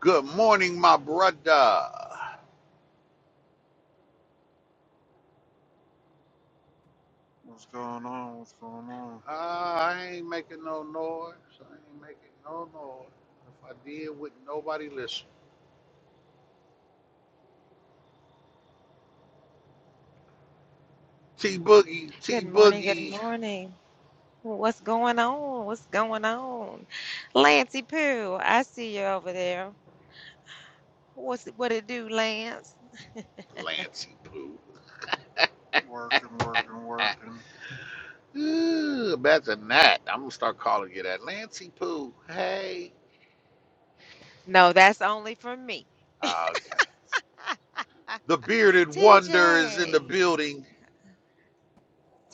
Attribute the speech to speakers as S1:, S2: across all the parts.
S1: Good morning, my brother. Uh,
S2: What's going on? What's going on?
S1: I ain't making no noise. I ain't making no noise. If I did, wouldn't nobody listen. T Boogie,
S3: Good
S1: T
S3: morning, good
S1: Boogie,
S3: morning. Well, What's going on? What's going on? Lancey Pooh, I see you over there. What's it, what it do, Lance?
S1: Lancy Poo.
S2: Working, working,
S1: Ah,
S2: working.
S1: Ooh, better than that. I'm gonna start calling you that, Lancy Poo. Hey.
S3: No, that's only for me.
S1: Ah, okay. The bearded wonder is in the
S3: TJ,
S1: building.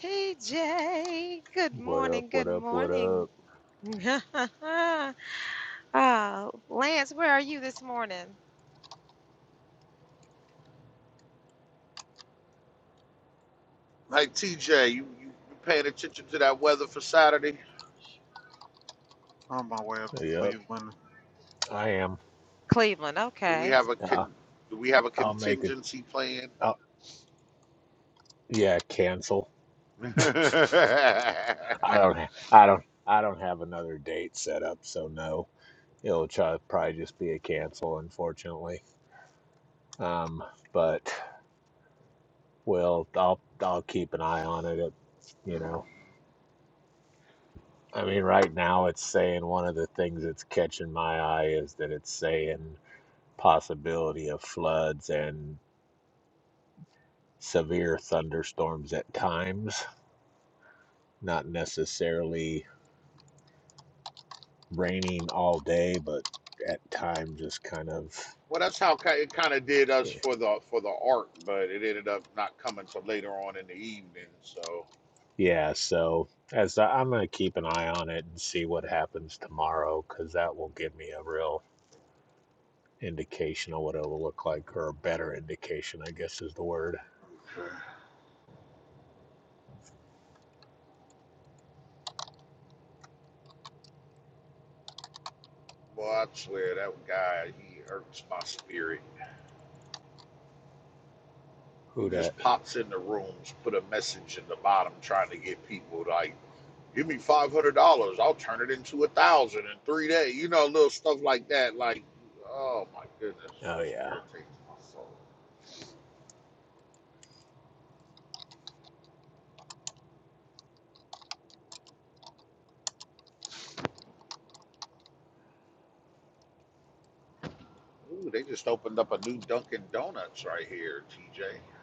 S3: TJ, good
S4: What up?
S3: morning, good
S4: What up? What
S3: morning.
S4: up?
S3: uh, Lance, where are you this morning?
S1: Hey, TJ, you, you you paying attention to that weather for Saturday?
S2: On my way up to
S4: Yep,
S2: Cleveland.
S4: I am.
S3: Cleveland,
S1: Do we
S3: okay.
S1: have a
S4: Uh,
S1: con? Do we have a
S4: I'll make it.
S1: contingency plan?
S4: Uh, yeah, cancel.
S1: well,
S4: I don't. ha- I don't. I don't have another date set up, so no. It'll try, probably just be a cancel, unfortunately. Um, but well, I'll I'll keep an eye on it. It you know, I mean, right now it's saying one of the things that's catching my eye is that it's saying possibility of floods and severe thunderstorms at times, not necessarily raining all day, but at time just kind of
S1: that's how it kind of did us
S4: eh,
S1: for the for the art, but it ended up not coming till later on in the evening. So,
S4: yeah. So as I, I'm gonna keep an eye on it and see what happens tomorrow, because that will give me a real indication of what it will look like, or a better indication, I guess is the word.
S1: well, I swear that guy he irks my spirit. He
S4: Who that?
S1: just pops in the rooms, put a message in the bottom, trying to get people like, "Give me five hundred dollars, I'll turn it into a thousand in three days." You know, little stuff like that. Like, oh my goodness, it
S4: Oh
S1: just
S4: yeah,
S1: irritates my soul. Ooh, they just opened up a new Dunkin' Donuts right here, TJ.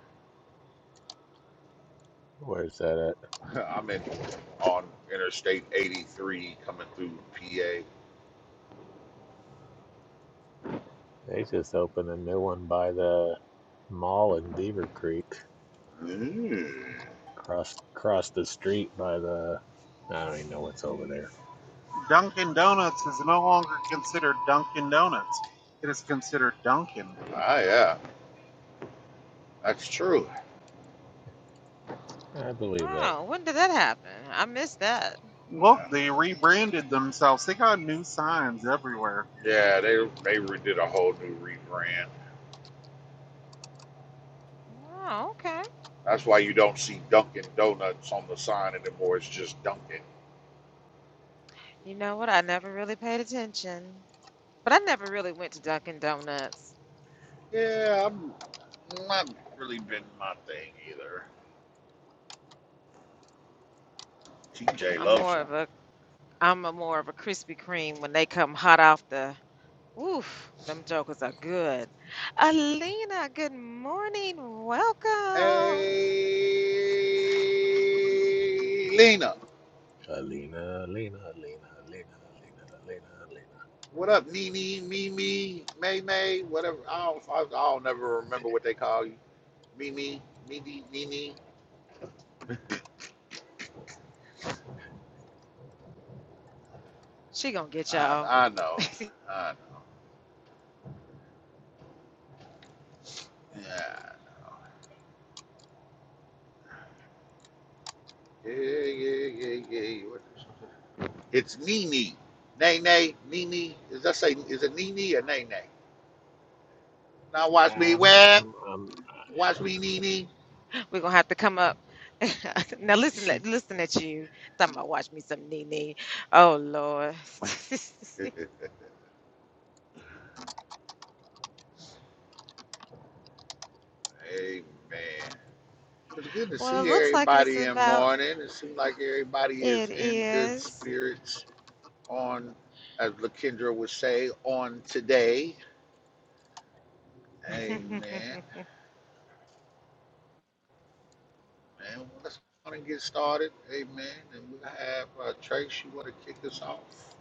S4: where's that at?
S1: I'm in on Interstate 83 coming through PA.
S4: They just opened a new one by the mall in Beaver Creek,
S1: Mm.
S4: across across the street by the. I don't even know what's over there.
S2: Dunkin' Donuts is no longer considered Dunkin' Donuts. It is considered Dunkin'.
S1: Ah, yeah, that's true.
S4: I believe that.
S3: Oh, when did that happen? I missed that.
S2: Look,
S1: Yeah,
S2: they rebranded themselves. They got new signs everywhere.
S1: Yeah, they they re- did a whole new rebrand.
S3: Oh, okay.
S1: That's why you don't see Dunkin' Donuts on the sign anymore. It's just Dunkin'.
S3: You know what? I never really paid attention. But I never really went to Dunkin' Donuts.
S1: Yeah, I'm not really been my thing either. TJ
S3: I'm
S1: loves
S3: more
S1: them.
S3: of a I'm a more of a Krispy Kreme when they come hot off the oof, them jokers are good. Alina, good morning.
S1: Hey,
S3: Welcome.
S1: Lena.
S4: Alina, Alina, Alina, Alina, Alina, Alina, Alina.
S1: What up, Nene, Mimi, May May, whatever. I don't, I, I don't never remember what they call you. Mimi, Mimi, Nene.
S3: She gonna get
S1: I,
S3: y'all.
S1: I know. I know. Yeah. Yeah, yeah, yeah, yeah. What- is It's Nene. Nay, nay, Nene. Is that say, is it Nene or Nay, nay? Now watch me
S4: I'm,
S1: web.
S4: I'm, I'm, I-
S1: Watch me, Nene.
S3: We're gonna have to come up. now listen
S4: she.
S3: listen at you. Talking about watch me some Nene. Oh Lord.
S1: Amen. It's good to
S3: well it
S1: see
S3: looks like it's
S1: everybody in
S3: about
S1: morning. It seems like everybody is
S3: it
S1: in good
S3: is
S1: spirits. on, as Lakendra would say, on today. Amen. And let's go and get started. Amen. And we'll have uh, Trace, you want to kick us off?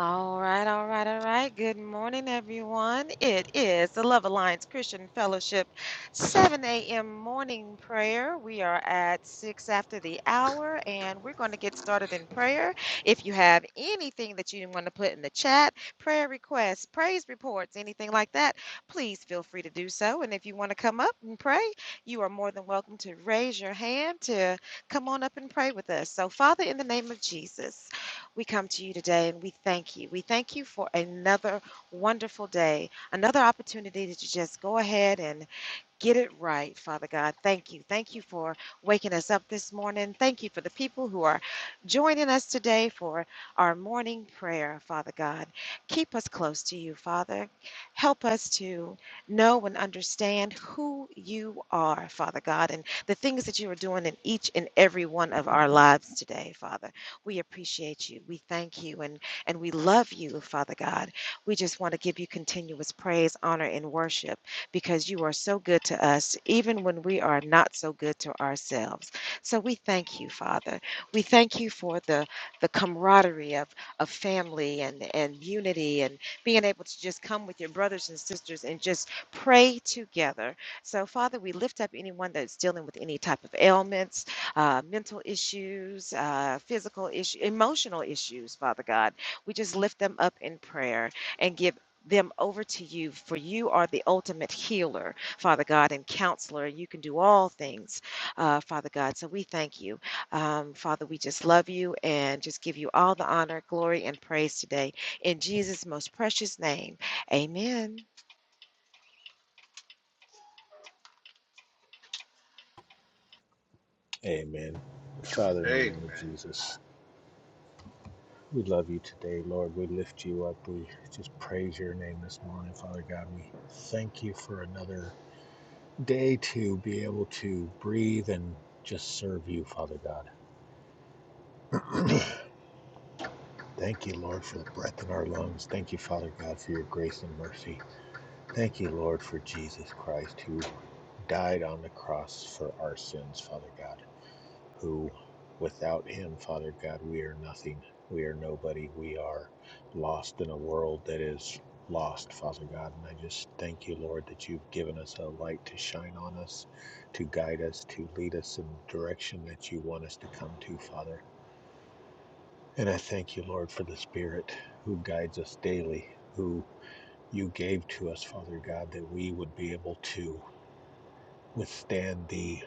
S3: All right, all right, all right. Good morning, everyone. It is the Love Alliance Christian Fellowship 7 a.m. morning prayer. We are at 6 after the hour, and we're going to get started in prayer. If you have anything that you want to put in the chat, prayer requests, praise reports, anything like that, please feel free to do so. And if you want to come up and pray, you are more than welcome to raise your hand to come on up and pray with us. So, Father, in the name of Jesus. We come to you today and we thank you. We thank you for another wonderful day, another opportunity to just go ahead and Get it right, Father God. Thank you. Thank you for waking us up this morning. Thank you for the people who are joining us today for our morning prayer, Father God. Keep us close to you, Father. Help us to know and understand who you are, Father God, and the things that you are doing in each and every one of our lives today, Father. We appreciate you. We thank you and, and we love you, Father God. We just want to give you continuous praise, honor, and worship because you are so good to us, even when we are not so good to ourselves. So we thank you, Father. We thank you for the, the camaraderie of, of family and, and unity and being able to just come with your brothers and sisters and just pray together. So, Father, we lift up anyone that's dealing with any type of ailments, uh, mental issues, uh, physical issues, emotional issues, Father God. We just lift them up in prayer and give them over to you, for you are the ultimate healer, Father God, and counselor. You can do all things, uh, Father God. So we thank you. Um, Father, we just love you and just give you all the honor, glory, and praise today. In Jesus' most precious name, amen.
S4: Amen. Father, in the
S1: Amen.
S4: name of Jesus, we love you today, Lord. We lift you up. We just praise your name this morning, Father God. We thank you for another day to be able to breathe and just serve you, Father God. Thank you, Lord, for the breath in our lungs. Thank you, Father God, for your grace and mercy. Thank you, Lord, for Jesus Christ, who died on the cross for our sins, Father God, who without him, Father God, we are nothing. We are nobody. We are lost in a world that is lost, Father God. And I just thank you, Lord, that you've given us a light to shine on us, to guide us, to lead us in the direction that you want us to come to, Father. And I thank you, Lord, for the Spirit who guides us daily, who you gave to us, Father God, that we would be able to. withstand the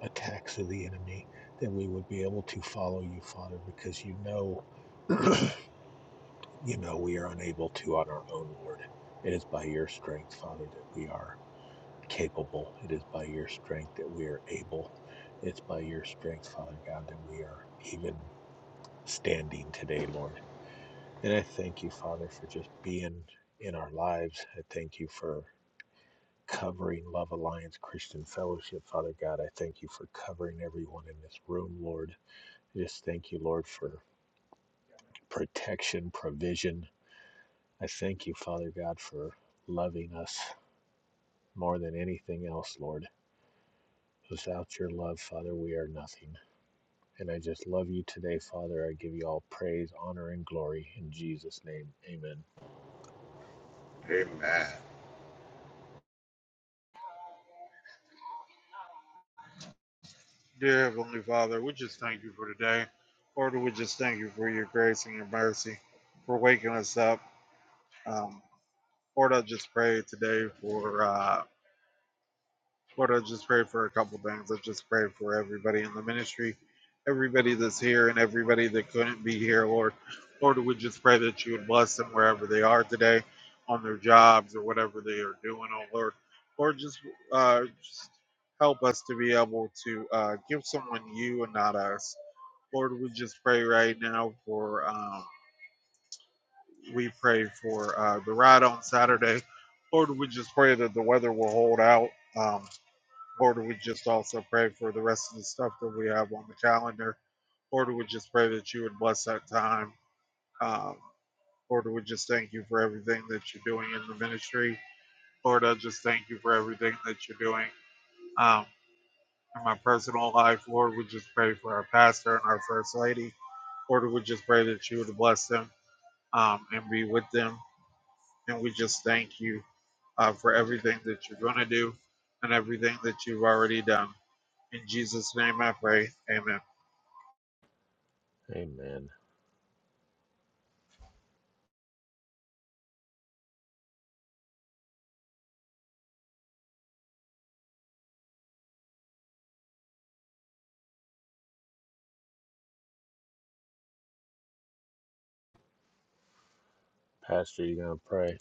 S4: attacks of the enemy, that we would be able to follow you, Father, because you know, you know, we are unable to on our own, Lord. It is by your strength, Father, that we are capable. It is by your strength that we are able. It's by your strength, Father God, that we are even standing today, Lord. And I thank you, Father, for just being in our lives. I thank you for covering Love Alliance Christian Fellowship. Father God, I thank you for covering everyone in this room, Lord. I just thank you, Lord, for protection, provision. I thank you, Father God, for loving us more than anything else, Lord. Without your love, Father, we are nothing. And I just love you today, Father. I give you all praise, honor, and glory in Jesus' name. Amen.
S1: Amen.
S2: Dear Heavenly Father, we just thank you for today. Lord, we just thank you for your grace and your mercy for waking us up. Um, Lord, I just pray today for. Uh, Lord, I just pray for a couple things. I just pray for everybody in the ministry, everybody that's here, and everybody that couldn't be here, Lord. Lord, we just pray that you would bless them wherever they are today, on their jobs or whatever they are doing, oh Lord. Lord, just, uh, just help us to be able to uh, give someone you and not us. Lord, we just pray right now for, um, we pray for uh, the ride on Saturday. Lord, we just pray that the weather will hold out. Um, Lord, we just also pray for the rest of the stuff that we have on the calendar. Lord, we just pray that you would bless that time. Um, Lord, we just thank you for everything that you're doing in the ministry. Lord, I just thank you for everything that you're doing um, in my personal life. Lord, we just pray for our pastor and our first lady. Lord, we just pray that you would bless them um, and be with them. And we just thank you uh, for everything that you're going to do and everything that you've already done. In Jesus' name I pray. Amen.
S4: Amen. Pastor, you gonna pray?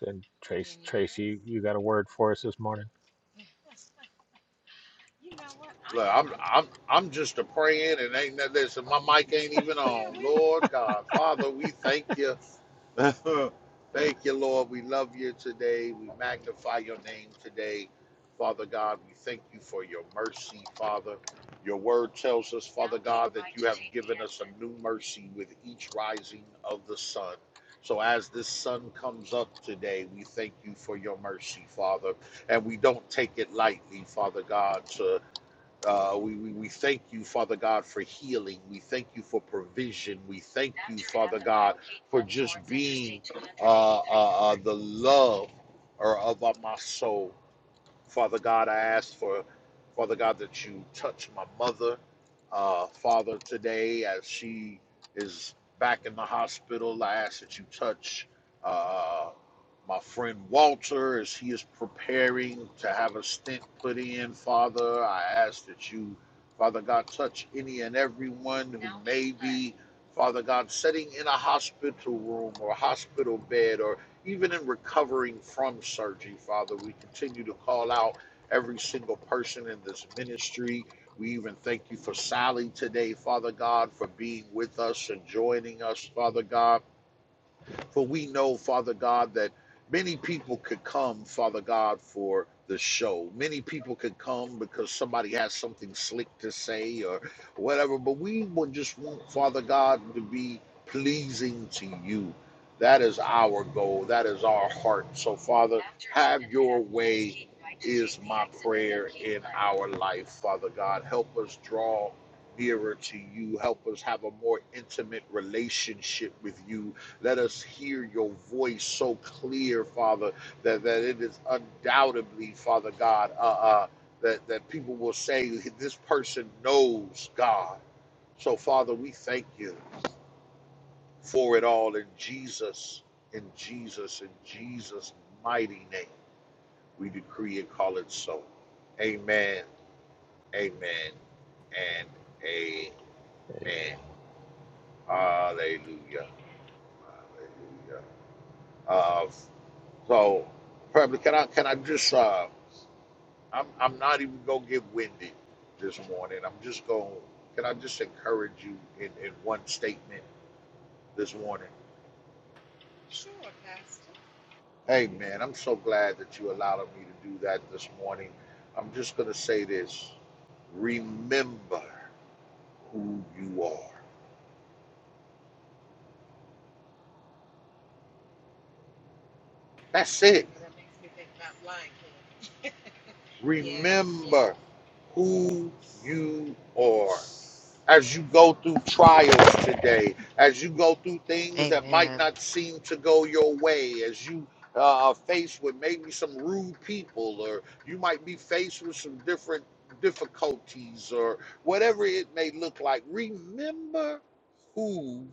S4: Said
S3: Can
S4: Trace,
S3: you hear
S4: Tracy,
S3: us?
S4: you you got a word for us this morning?
S3: You know what? I
S1: Look,
S3: am
S1: I'm
S3: unprepared.
S1: I'm I'm just a praying and ain't that listen, my mic ain't even
S3: Yeah,
S1: on.
S3: we
S1: Lord God, Father, we thank you Thank you, Lord. We love you today. We magnify your name today. Father God, we thank you for your mercy, Father. Your word tells us, Father God, that you have given us a new mercy with each rising of the sun. So as this sun comes up today, we thank you for your mercy, Father. And we don't take it lightly, Father God, to uh, we, we, we thank you, Father God, for healing. We thank you for provision. We thank you, Father God, for just being uh, uh, uh, the love of uh, my soul. Father God, I ask for, Father God, that you touch my mother, uh, Father, today as she is back in the hospital. I ask that you touch uh, my friend Walter as he is preparing to have a stent put in, Father. I ask that you, Father God, touch any and everyone who may be. Father God, sitting in a hospital room or a hospital bed, or. Even in recovering from surgery, Father, we continue to call out every single person in this ministry. We even thank you for Sally today, Father God, for being with us and joining us, Father God. For we know, Father God, that many people could come, Father God, for the show. Many people could come because somebody has something slick to say or whatever. But we would just want, Father God, to be pleasing to you. That is our goal. That is our heart. So, Father, have your way is my prayer in our life, Father God. Help us draw nearer to you. Help us have a more intimate relationship with you let us hear your voice so clear, Father, that, that it is undoubtedly, Father God, uh, uh, that, that people will say, This person knows God. So, Father, we thank you for it all in Jesus, in Jesus, in Jesus' mighty name. We decree and call it so. Amen, amen, and amen.
S4: Amen.
S1: Hallelujah. Hallelujah. Uh. So, probably can I can I just uh, I'm I'm not even gonna get winded this morning. I'm just gonna can I just encourage you in in one statement this morning?
S3: sure, Pastor.
S1: Hey man, I'm so glad that you allowed me to do that this morning. I'm just gonna say this: remember who you are. That's
S3: Okay,
S1: it.
S3: you know that makes me think about Lion King. Yeah, yes,
S1: Remember who you are. as you
S3: yes.
S1: go through trials today, as you go through things that might
S3: Amen.
S1: not seem to go your way, as you uh, are faced with maybe some rude people, or you might be faced with some different difficulties, or whatever it may look like, remember who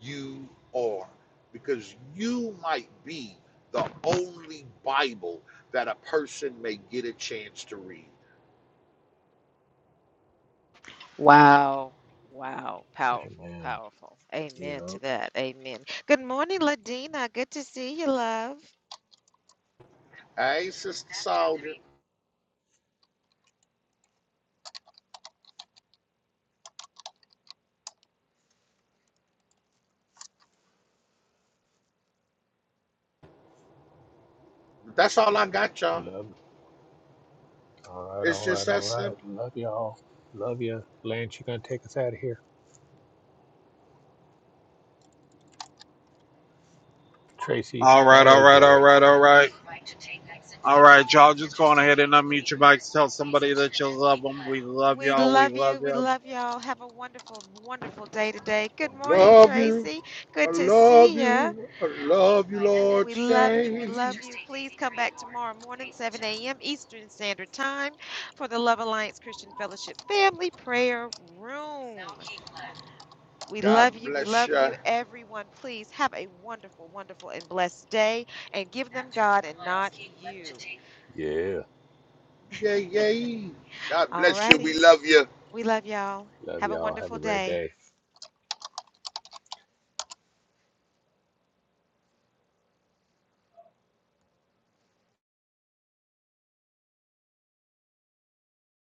S1: you are because you might be the only Bible that a person may get a chance to read.
S3: Wow. Wow. Powerful.
S4: Amen.
S3: Powerful. Amen to
S4: Yep.
S3: that. Amen. Good morning, Ladina. Good to see you, love.
S1: Hey, Sister Soldier, that's all I got, y'all.
S4: Love it. All right,
S1: It's
S4: all
S1: just
S4: right,
S1: that
S4: all right.
S1: simple.
S4: Love y'all. Love ya. Lance, you gonna take us out of here? Tracy.
S2: All right,
S4: Oh,
S2: all
S4: there's
S2: right, all
S4: Lance.
S2: right, all right. All right, y'all just go on ahead and unmute your mics. Tell somebody that you love them. We love
S3: We
S2: y'all. We
S3: love
S2: love
S3: you. We
S2: you.
S3: love y'all. Have a wonderful, wonderful day today.
S1: I
S3: Good morning,
S1: love you.
S3: Tracy.
S1: I
S3: Good to
S1: love
S3: see you.
S1: you. I love you, Lord.
S3: We love you. We
S1: Today.
S3: love you. Please come back tomorrow morning, 7 a.m. Eastern Standard Time for the Love Alliance Christian Fellowship Family Prayer Room. We
S1: God
S3: love you. We
S1: bless
S3: love
S1: you.
S3: you, everyone. Please have a wonderful, wonderful, and blessed day and give them God and not you.
S4: Yeah.
S1: Yay, yay. God
S3: All
S1: bless you. We
S3: righty.
S1: love you.
S3: We love y'all.
S4: Love
S3: Have a
S4: y'all. Have
S3: wonderful
S4: a great
S3: day.
S4: day.